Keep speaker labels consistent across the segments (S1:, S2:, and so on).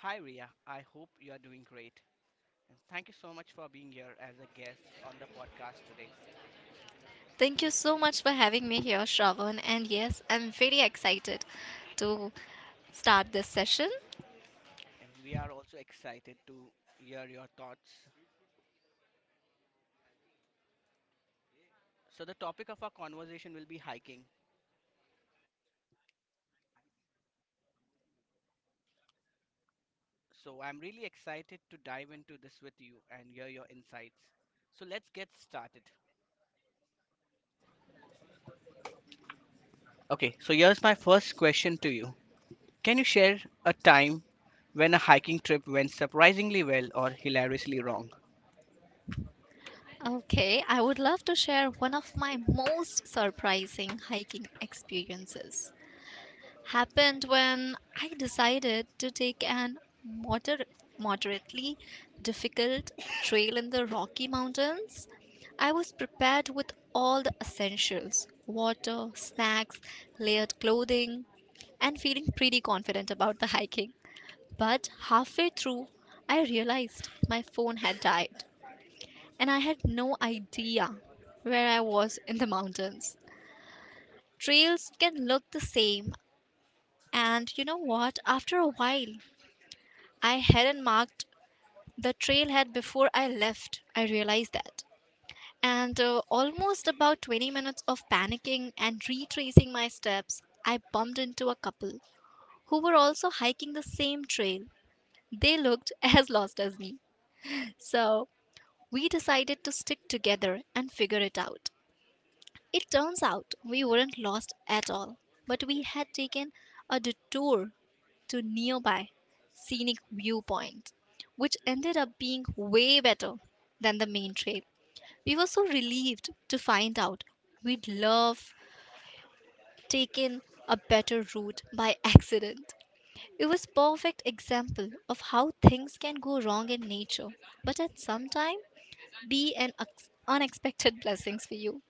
S1: Hi, Ria. I hope you are doing great. And thank you so much for being here as a guest on the podcast today.
S2: Thank you so much for having me here, Shravan. And yes, I'm very excited to start this session.
S1: And we are also excited to hear your thoughts. So, the topic of our conversation will be hiking. So, I'm really excited to dive into this with you and hear your insights. So, let's get started. Okay, so here's my first question to you. Can you share a time when a hiking trip went surprisingly well or hilariously wrong?
S2: Okay, I would love to share one of my most surprising hiking experiences. Happened when I decided to take an moder- moderately difficult trail in the Rocky Mountains. I was prepared with all the essentials: water, snacks, layered clothing, and feeling pretty confident about the hiking. But halfway through, I realized my phone had died, and I had no idea where I was in the mountains. Trails can look the same, and you know what? After a while, I hadn't marked the trailhead before I left. I realized that. And Almost about 20 minutes of panicking and retracing my steps, I bumped into a couple who were also hiking the same trail. They looked as lost as me. So we decided to stick together and figure it out. It turns out we weren't lost at all, but we had taken a detour to nearby scenic viewpoint, which ended up being way better than the main trip. We were so relieved to find out we'd love taken a better route by accident. It was perfect example of how things can go wrong in nature, but at some time be an unexpected blessings for you.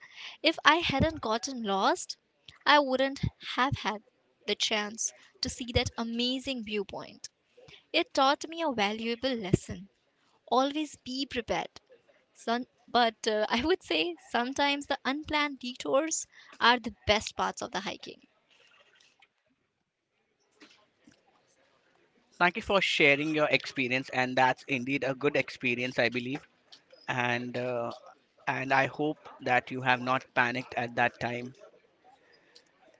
S2: If I hadn't gotten lost, I wouldn't have had the chance to see that amazing viewpoint. It taught me a valuable lesson. Always be prepared. Son, but I would say sometimes the unplanned detours are the best parts of the hiking.
S1: Thank you for sharing your experience, and that's indeed a good experience, I believe. and uh, and I hope that you have not panicked at that time.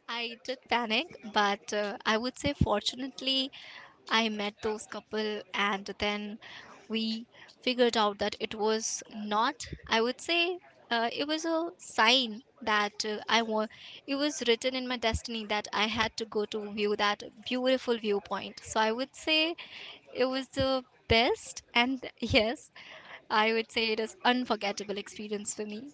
S2: I did panic, but I would say fortunately I met those couple, and then we figured out that it was not, I would say, it was a sign that I want it was written in my destiny that I had to go to view that beautiful viewpoint. So I would say it was the best, and yes, I would say it is unforgettable experience for me.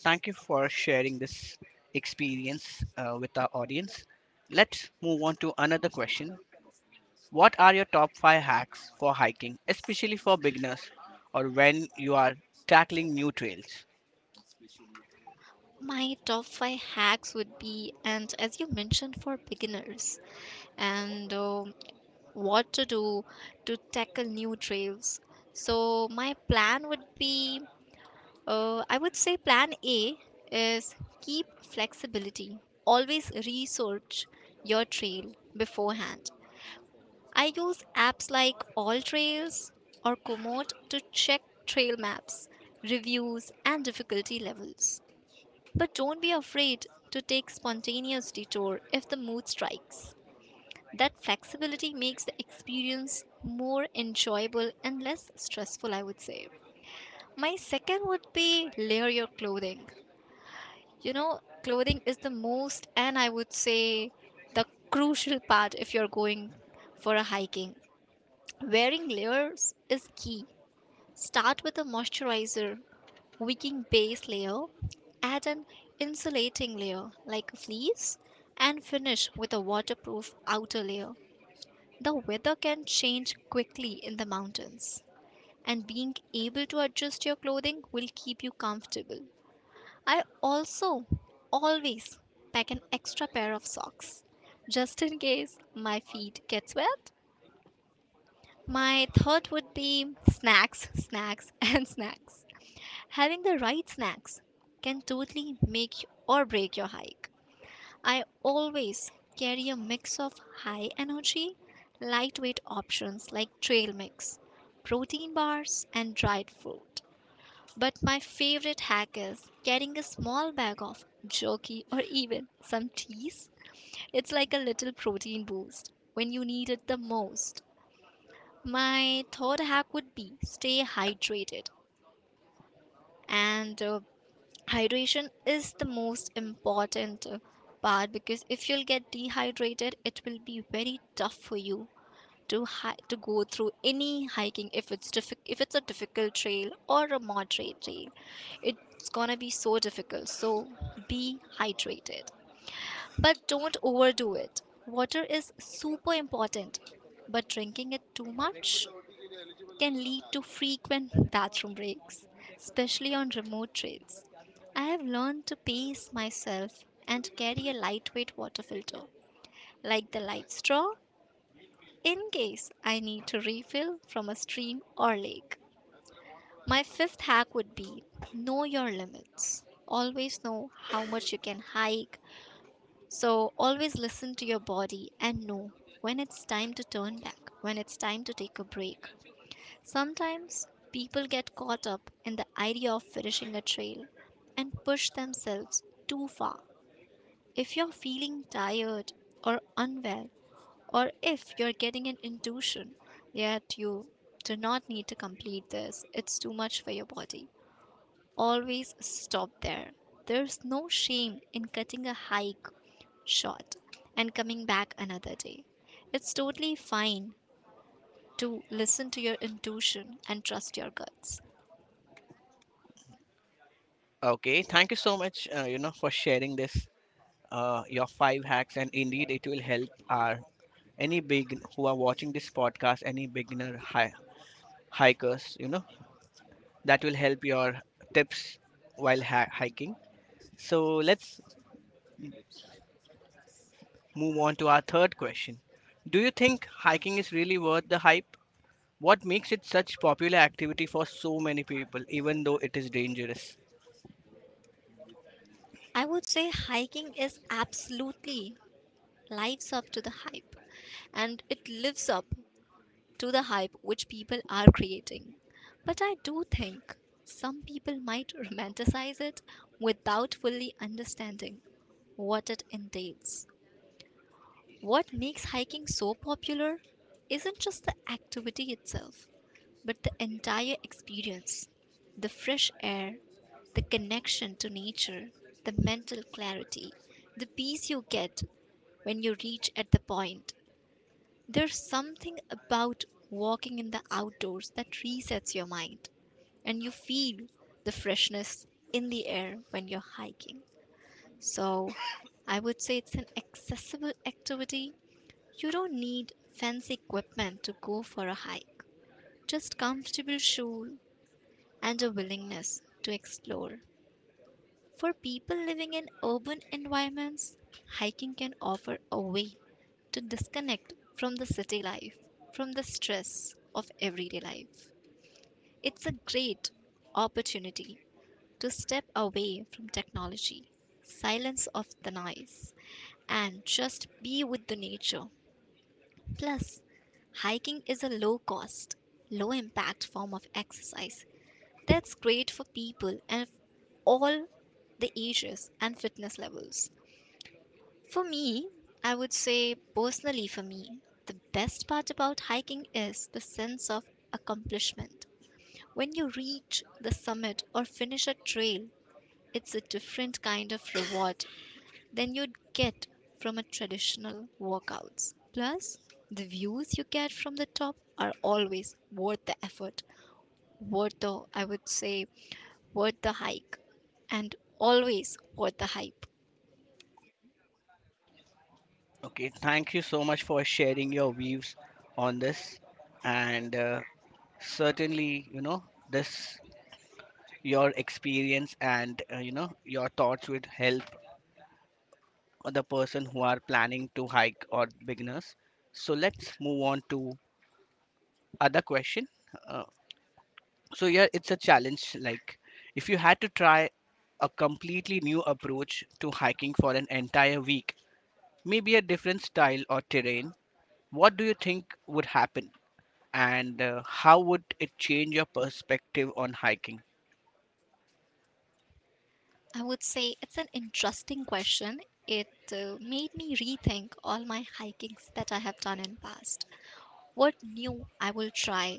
S1: Thank you for sharing this experience with our audience. Let's move on to another question. What are your top 5 hacks for hiking, especially for beginners or when you are tackling new trails?
S2: My top five hacks would be, and as you mentioned, for beginners, and what to do to tackle new trails. So, my plan would be, I would say, plan A is keep flexibility, always research your trail beforehand. I use apps like All Trails or Komoot to check trail maps, reviews, and difficulty levels. But don't be afraid to take spontaneous detour if the mood strikes. That flexibility makes the experience more enjoyable and less stressful, I would say. My second would be layer your clothing. You know, clothing is the most, and I would say the crucial part if you're going for a hiking. Wearing layers is key. Start with a moisturizer wicking base layer, add an insulating layer like a fleece, and finish with a waterproof outer layer. The weather can change quickly in the mountains, and being able to adjust your clothing will keep you comfortable. I also always pack an extra pair of socks just in case my feet get wet. My third would be snacks, snacks, and snacks. Having the right snacks can totally make or break your hike. I always carry a mix of high energy, lightweight options like trail mix, protein bars, and dried fruit. But my favorite hack is carrying a small bag of jerky or even some cheese. It's like a little protein boost when you need it the most. My third hack would be stay hydrated, and hydration is the most important part, because if you'll get dehydrated it will be very tough for you to to go through any hiking. If it's if it's a difficult trail or a moderate trail, it's gonna be so difficult. So be hydrated, but don't overdo it. Water is super important, but drinking it too much can lead to frequent bathroom breaks, especially on remote trails. I have learned to pace myself and carry a lightweight water filter, like the light straw, in case I need to refill from a stream or lake. My fifth hack would be know your limits. Always know how much you can hike. So, always listen to your body and know when it's time to turn back, when it's time to take a break. Sometimes people get caught up in the idea of finishing a trail and push themselves too far. If you're feeling tired or unwell, or if you're getting an intuition that you do not need to complete this, it's too much for your body, always stop there. There's no shame in cutting a hike short and coming back another day. It's totally fine to listen to your intuition and trust your guts.
S1: Okay, thank you so much, you know, for sharing this, your five hacks, and indeed it will help our any big who are watching this podcast, any beginner hikers, you know, that will help your tips while hiking. So let's move on to our third question. Do you think hiking is really worth the hype? What makes it such popular activity for so many people even though it is dangerous?
S2: I would say hiking is absolutely lives up to the hype, and it lives up to the hype which people are creating. But I do think some people might romanticize it without fully understanding what it entails. What makes hiking so popular isn't just the activity itself, but the entire experience: the fresh air, the connection to nature, the mental clarity, the peace you get when you reach at the point. There's something about walking in the outdoors that resets your mind, and you feel the freshness in the air when you're hiking. So, I would say it's an accessible activity. You don't need fancy equipment to go for a hike. Just comfortable shoes, and a willingness to explore. For people living in urban environments, hiking can offer a way to disconnect from the city life, from the stress of everyday life. It's a great opportunity to step away from technology, silence of the noise, and just be with the nature. Plus, hiking is a low cost, low impact form of exercise that's great for people and all the ages and fitness levels. For me, I would say, personally for me, the best part about hiking is the sense of accomplishment. When you reach the summit or finish a trail, it's a different kind of reward than you'd get from a traditional workouts. Plus, the views you get from the top are always worth the effort, worth the, I would say, worth the hike, and always worth the hype.
S1: Okay, thank you so much for sharing your views on this, and certainly, you know, this your experience, and you know, your thoughts would help or the person who are planning to hike or beginners. So let's move on to other question. Uh, so yeah, it's a challenge. Like, if you had to try a completely new approach to hiking for an entire week, maybe a different style or terrain, what do you think would happen? And how would it change your perspective on hiking?
S2: I would say it's an interesting question. It made me rethink all my hikings that I have done in past, what new I will try.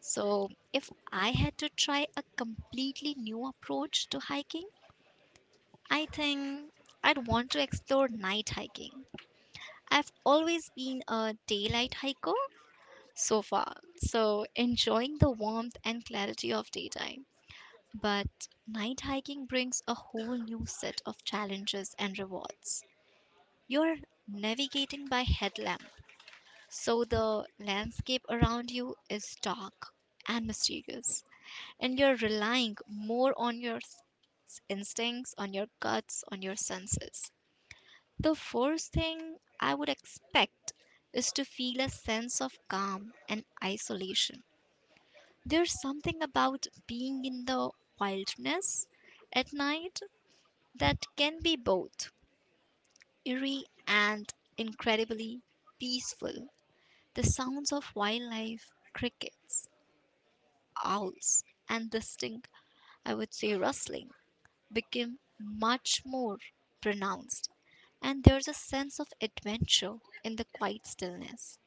S2: So if I had to try a completely new approach to hiking, I think I'd want to explore night hiking. I've always been a daylight hiker so far. So, enjoying the warmth and clarity of daytime. But night hiking brings a whole new set of challenges and rewards. You're navigating by headlamp, so the landscape around you is dark and mysterious, and you're relying more on your instincts, on your guts, on your senses. The first thing I would expect is to feel a sense of calm and isolation. There's something about being in the wilderness at night that can be both eerie and incredibly peaceful. The sounds of wildlife, crickets, owls, and distinct, I would say, rustling, became much more pronounced. And there's a sense of adventure in the quiet stillness.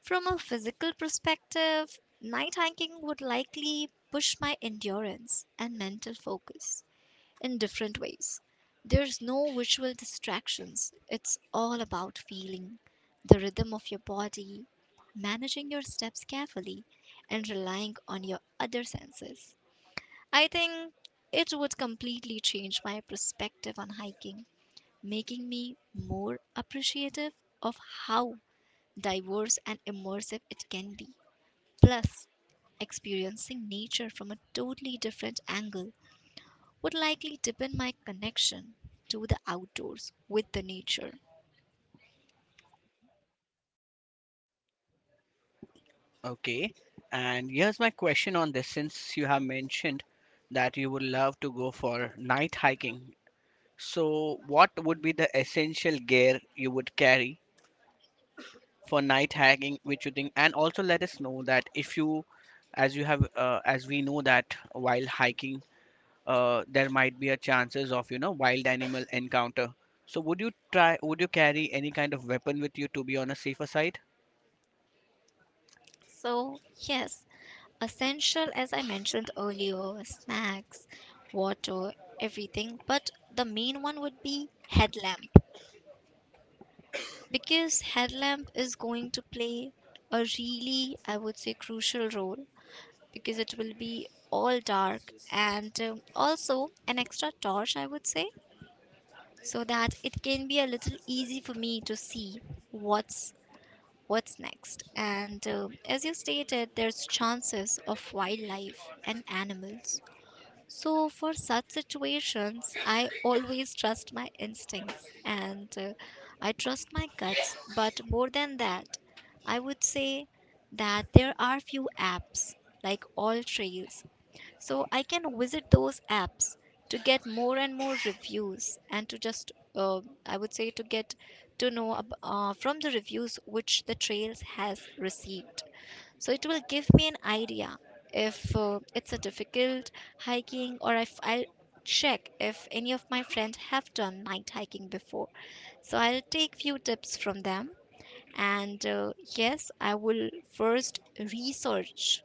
S2: From a physical perspective, night hiking would likely push my endurance and mental focus in different ways. There's no visual distractions, it's all about feeling the rhythm of your body, managing your steps carefully, and relying on your other senses. I think it would completely change my perspective on hiking, making me more appreciative of how diverse and immersive it can be. Plus, experiencing nature from a totally different angle would likely deepen my connection to the outdoors with the nature.
S1: Okay. And here's my question on this, since you have mentioned that you would love to go for night hiking. So, what would be the essential gear you would carry for night hacking, which you think? And also, let us know that if you, as you have, as we know that while hiking, there might be a chances of, you know, wild animal encounter. So, would you try? Would you carry any kind of weapon with you to be on a safer side?
S2: So, yes, essential, as I mentioned earlier, snacks, water, everything, but the main one would be headlamp, because headlamp is going to play a really, I would say, crucial role because it will be all dark, and also an extra torch, I would say, so that it can be a little easy for me to see what's what's next. And as you stated, there's chances of wildlife and animals, so for such situations I always trust my instincts, and I trust my guts. But more than that, I would say that there are few apps like All Trails. So I can visit those apps to get more and more reviews, and to just, I would say, to get to know from the reviews which the trails has received. So it will give me an idea if it's a difficult hiking, or if I'll check if any of my friends have done night hiking before. So I'll take few tips from them, and yes, I will first research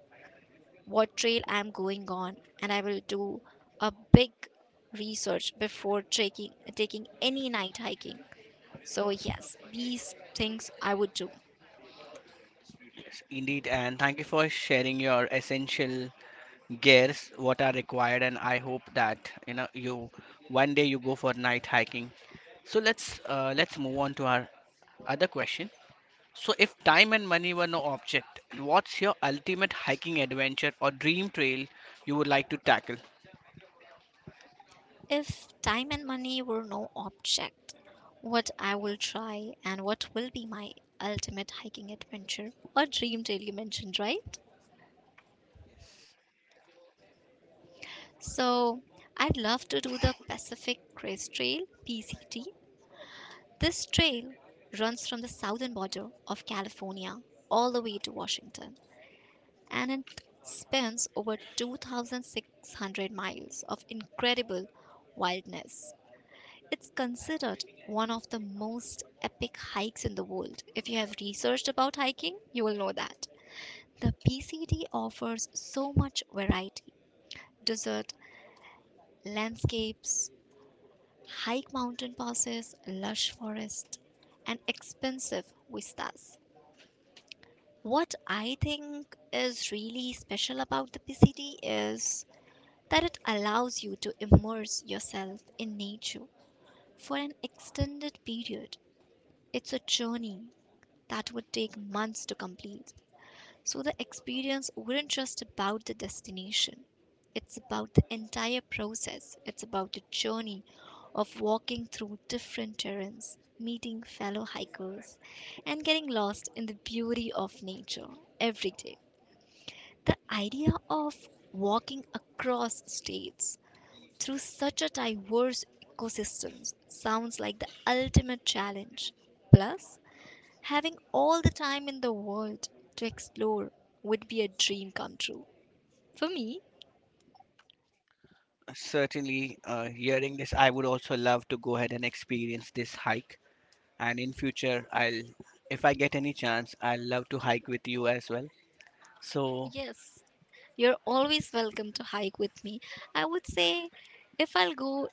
S2: what trail I'm going on, and I will do a big research before taking any night hiking. So yes, these things I would do.
S1: Yes, indeed. And thank you for sharing your essential gears what are required, and I hope that, you know, you one day you go for night hiking. So let's move on to our other question. So if time and money were no object, what's your ultimate hiking adventure or dream trail you would like to tackle?
S2: If time and money were no object, what I will try and what will be my ultimate hiking adventure or dream trail, you mentioned, right? So I'd love to do the Pacific Crest Trail, PCT. This trail runs from the southern border of California all the way to Washington, and it spans over 2,600 miles of incredible wilderness. It's considered one of the most epic hikes in the world. If you have researched about hiking, you will know that. The PCT offers so much variety, desert landscapes, hike mountain passes, lush forests, and expensive vistas. What I think is really special about the PCD is that it allows you to immerse yourself in nature for an extended period. It's a journey that would take months to complete. So the experience wouldn't just about the destination. It's about the entire process. It's about the journey of walking through different terrains, meeting fellow hikers, and getting lost in the beauty of nature every day. The idea of walking across states through such a diverse ecosystem sounds like the ultimate challenge. Plus, having all the time in the world to explore would be a dream come true. For me,
S1: Yes, certainly, hearing this I would also love to go ahead and experience this hike, and in future I'll, if I get any chance, I'll love to hike with you as well. So
S2: yes, you're always welcome to hike with me. I would say if I'll go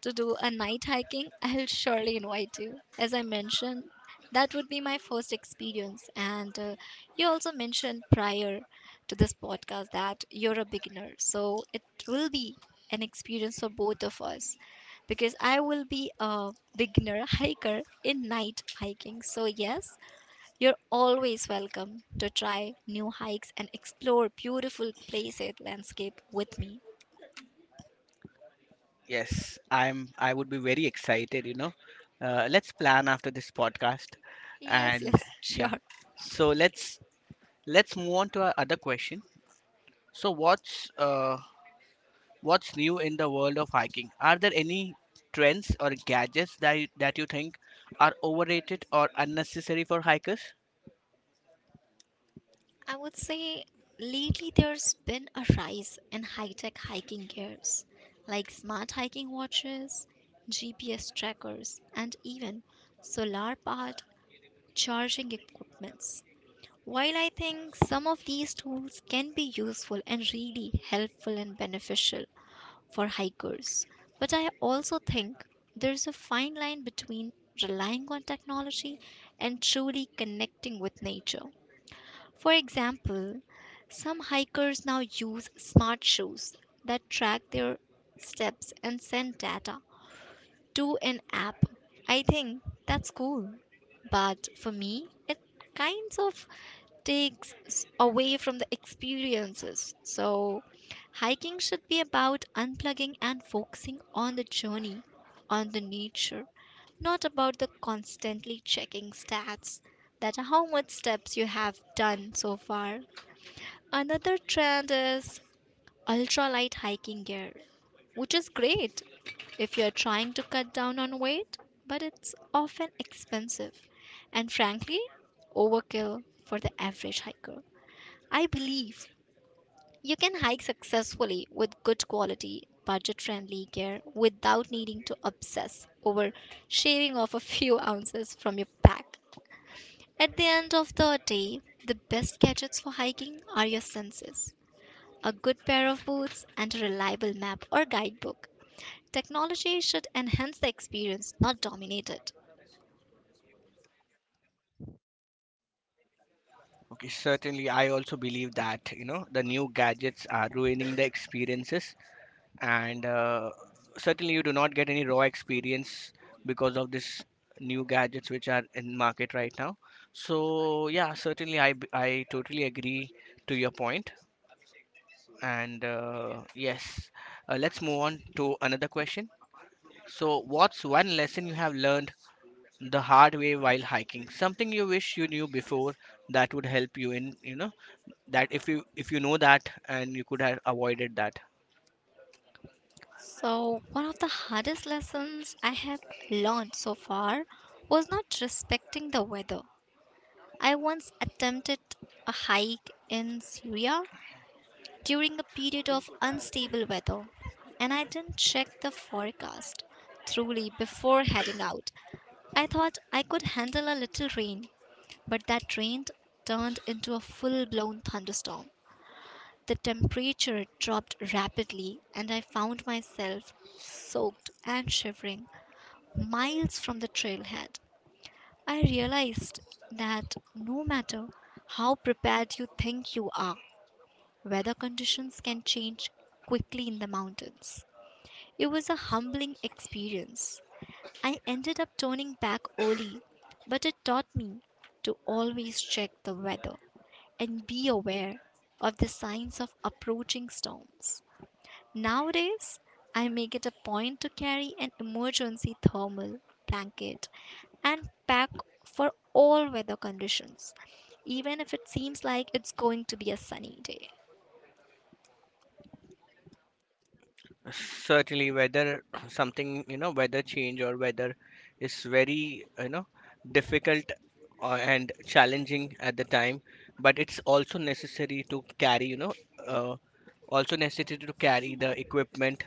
S2: to do a night hiking, I'll surely invite you. As I mentioned, that would be my first experience. And you also mentioned prior to this podcast that you're a beginner. So it will be an experience for both of us because I will be a beginner hiker in night hiking. So, yes, you're always welcome to try new hikes and explore beautiful places, landscape with me.
S1: yes, I'm, I would be very excited, you know. Let's plan after this podcast.
S2: Yes,
S1: And
S2: yes,
S1: yeah.
S2: sure.
S1: So let's move on to our other question. So what's what's new in the world of hiking? Are there any trends or gadgets that you think are overrated or unnecessary for hikers?
S2: I would say lately there's been a rise in high tech hiking gears like smart hiking watches, GPS trackers, and even solar powered charging equipments. While I think some of these tools can be useful and really helpful and beneficial for hikers, but I also think there's a fine line between relying on technology and truly connecting with nature. For example, some hikers now use smart shoes that track their steps and send data to an app. I think that's cool. But for me, it kinds of takes away from the experiences. So, hiking should be about unplugging and focusing on the journey, on the nature, not about the constantly checking stats that how much steps you have done so far. Another trend is ultralight hiking gear, which is great if you're trying to cut down on weight, but it's often expensive and frankly overkill for the average hiker. I believe you can hike successfully with good quality, budget friendly gear without needing to obsess over shaving off a few ounces from your pack. At the end of the day, the best gadgets for hiking are your senses, a good pair of boots, and a reliable map or guidebook. Technology should enhance the experience, not dominate it.
S1: Okay, certainly I also believe that, you know, the new gadgets are ruining the experiences, and certainly you do not get any raw experience because of this new gadgets which are in market right now. So yeah, certainly I I totally agree to your point. And yes, let's move on to another question. So what's one lesson you have learned the hard way while hiking, something you wish you knew before that would help you in, you know, that if you, if you know that, and you could have avoided that.
S2: So, one of the hardest lessons I have learned so far was not respecting the weather. I once attempted a hike in Syria during a period of unstable weather, and I didn't check the forecast thoroughly before heading out. I thought I could handle a little rain, but that rain turned into a full blown thunderstorm. The temperature dropped rapidly, and I found myself soaked and shivering miles from the trailhead. I realized that no matter how prepared you think you are, weather conditions can change quickly in the mountains. It was a humbling experience. I ended up turning back early, but it taught me to always check the weather and be aware of the signs of approaching storms. Nowadays, I make it a point to carry an emergency thermal blanket and pack for all weather conditions, even if it seems like it's going to be a sunny day.
S1: Certainly whether something, you know, weather change or weather is very, you know, difficult and challenging at the time, but it's also necessary to carry, you know, uh, also necessary to carry the equipment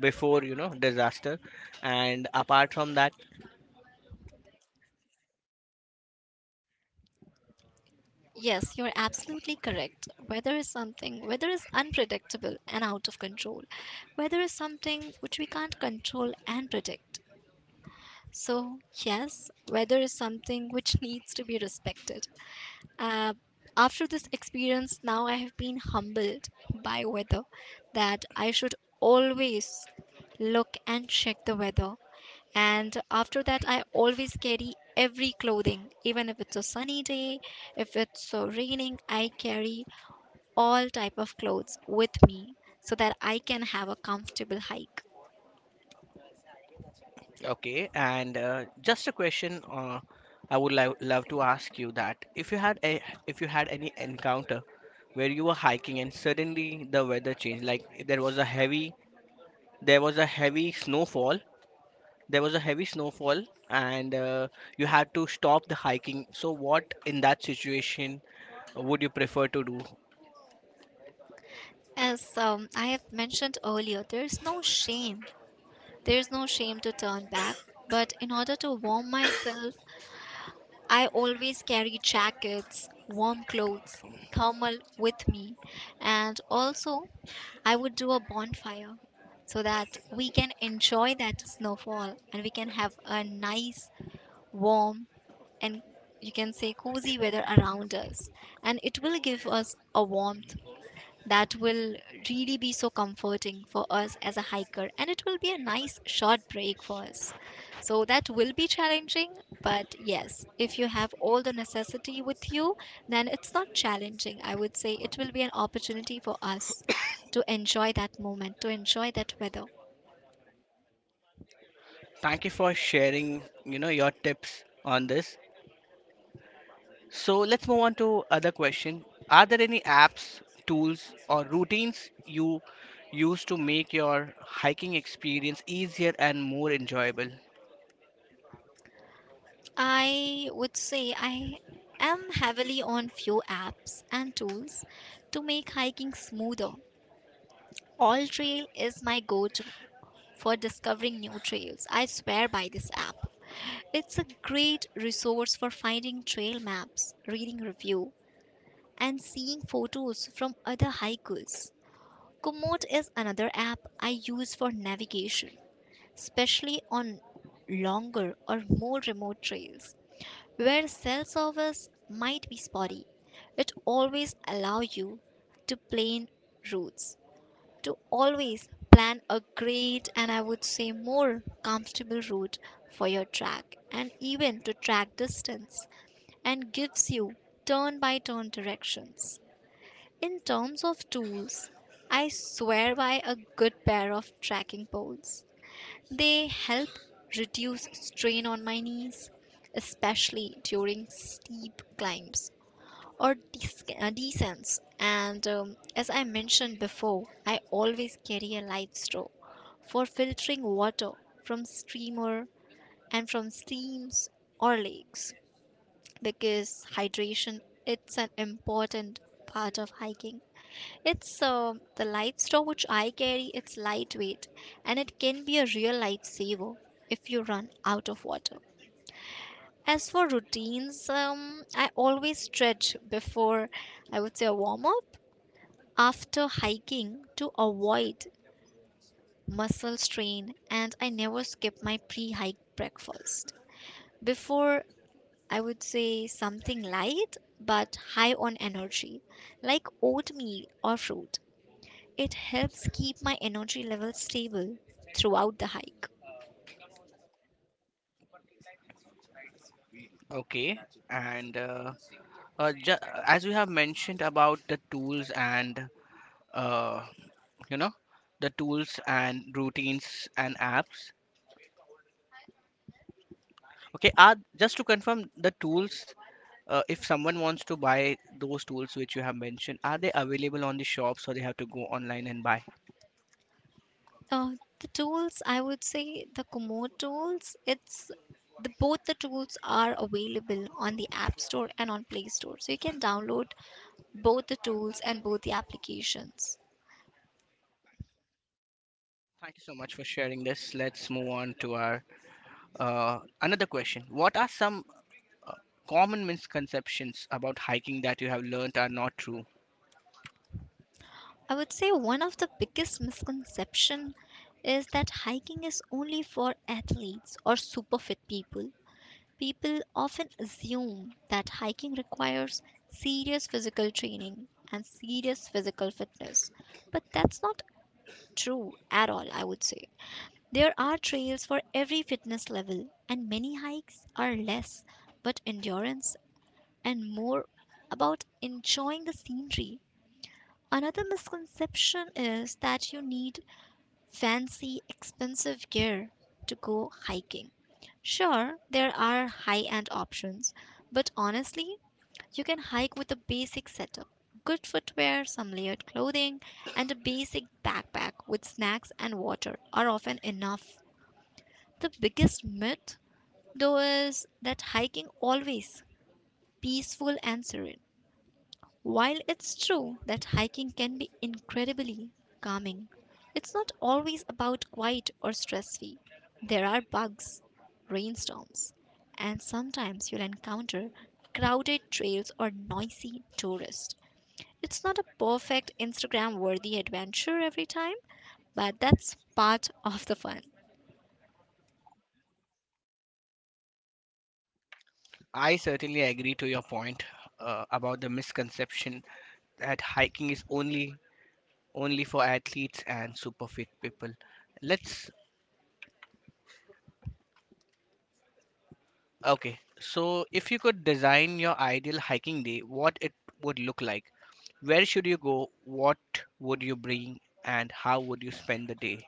S1: before, you know, disaster. And apart from that.
S2: Yes, you're absolutely correct. Weather is something, weather is unpredictable and out of control. Weather is something which we can't control and predict. So, yes, weather is something which needs to be respected. Uh, After this experience, now I have been humbled by weather, that I should always look and check the weather. And after that, I always carry every clothing, even if it's a sunny day, if it's so raining, I carry all type of clothes with me so that I can have a comfortable hike.
S1: Okay, and just a question. I would love to ask you that if you had a, if you had any encounter where you were hiking and suddenly the weather changed, like there was a heavy, there was a heavy snowfall, there was a heavy snowfall, and you had to stop the hiking. So what in that situation would you prefer to do?
S2: As I have mentioned earlier, there is no shame. There is no shame to turn back. But in order to warm myself, I always carry jackets, warm clothes, thermal with me, and also I would do a bonfire so that we can enjoy that snowfall and we can have a nice, warm, and you can say cozy weather around us, and it will give us a warmth that will really be so comforting for us as a hiker, and it will be a nice short break for us. So that will be challenging, but yes, if you have all the necessity with you, then it's not challenging, I would say it will be an opportunity for us to enjoy that moment, to enjoy that weather.
S1: Thank you for sharing, you know, your tips on this. So let's move on to other question. Are there any apps, tools, or routines you use to make your hiking experience easier and more enjoyable?
S2: I would say I am heavily on few apps and tools to make hiking smoother. All Trail is my go-to for discovering new trails. I swear by this app. It's a great resource for finding trail maps, reading review, and seeing photos from other hikers. Komoot is another app I use for navigation, especially on longer or more remote trails where cell service might be spotty. It always allows you to plan routes, to always plan a great and I would say more comfortable route for your track and even to track distance and gives you turn by turn directions. In terms of tools, I swear by a good pair of tracking poles. They help reduce strain on my knees, especially during steep climbs or decents. And as I mentioned before, I always carry a light straw for filtering water from streamer and from streams or lakes, because hydration, it's an important part of hiking. It's the light straw which I carry, it's lightweight, and it can be a real lifesaver if you run out of water. As for routines, I always stretch before, I would say a warm up after hiking to avoid muscle strain, and I never skip my pre-hike breakfast. Before, I would say something light but high on energy like oatmeal or fruit. It helps keep my energy level stable throughout the hike.
S1: Okay, and uh, uh, ju- as we have mentioned about the tools and, uh, you know, the tools and routines and apps. Okay, are just to confirm the tools. If someone wants to buy those tools which you have mentioned, are they available on the shops or they have to go online and buy?
S2: Uh, the tools, I would say the Komoot tools, it's, the, both the tools are available on the App Store and on Play Store. So you can download both the tools and both the applications.
S1: Thank you so much for sharing this. Let's move on to our another question. What are some common misconceptions about hiking that you have learned are not true?
S2: I would say one of the biggest misconception is that hiking is only for athletes or super fit people. People often assume that hiking requires serious physical training and serious physical fitness, but that's not true at all, I would say. There are trails for every fitness level, and many hikes are less but endurance and more about enjoying the scenery. Another misconception is that you need fancy, expensive gear to go hiking. Sure, there are high end options, but honestly, you can hike with a basic setup, good footwear, some layered clothing, and a basic backpack with snacks and water are often enough. The biggest myth, though, is that hiking always peaceful and serene. While it's true that hiking can be incredibly calming, it's not always about quiet or stress free. There are bugs, rainstorms, and sometimes you'll encounter crowded trails or noisy tourists. It's not a perfect Instagram worthy adventure every time, but that's part of the fun.
S1: I certainly agree to your point about the misconception that hiking is only for athletes and super fit people. Let's okay. So if you could design your ideal hiking day, what it would look like? Where should you go? What would you bring? And how would you spend the day?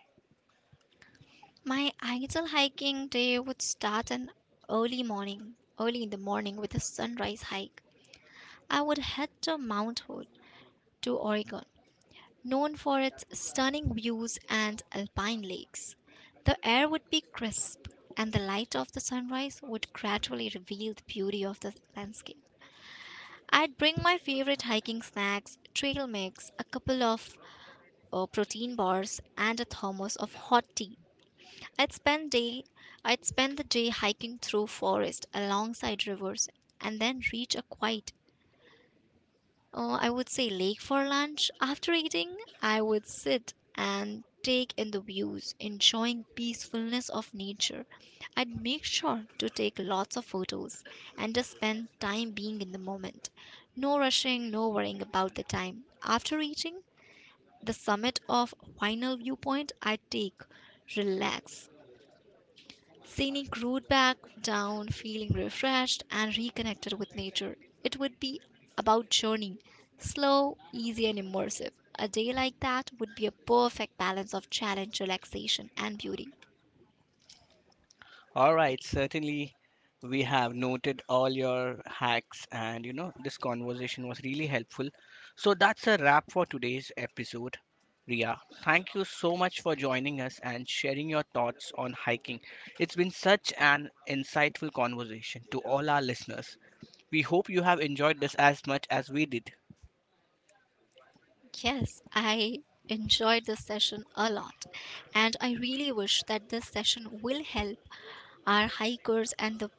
S2: My ideal hiking day would start an early morning, early in the morning with a sunrise hike. I would head to Mount Hood, to Oregon, known for its stunning views and alpine lakes. The air would be crisp, and the light of the sunrise would gradually reveal the beauty of the landscape. I'd bring my favorite hiking snacks, trail mix, a couple of protein bars, and a thermos of hot tea. I'd spend day I'd spend the day hiking through forest alongside rivers and then reach a quiet, I would say, lake for lunch. After eating, I would sit and take in the views, enjoying peacefulness of nature. I'd make sure to take lots of photos and just spend time being in the moment. No rushing, no worrying about the time. After eating, the summit of final viewpoint, I take, relax, scenic route back down, feeling refreshed and reconnected with nature. It would be about journey, slow, easy, and immersive. A day like that would be a perfect balance of challenge, relaxation, and beauty.
S1: All right, certainly we have noted all your hacks, and you know, this conversation was really helpful. So that's a wrap for today's episode. Ria, thank you so much for joining us and sharing your thoughts on hiking. It's been such an insightful conversation to all our listeners. We hope you have enjoyed this as much as we did.
S2: Yes, I enjoyed this session a lot, and I really wish that this session will help our hikers and the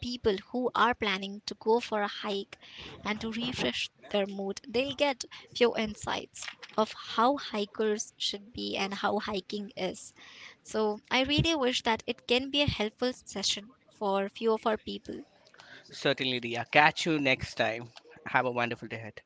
S2: people who are planning to go for a hike and to refresh their mood. They'll get few insights of how hikers should be and how hiking is. So, I really wish that it can be a helpful session for few of our people.
S1: Certainly, Ria. Catch you next time. Have a wonderful day ahead.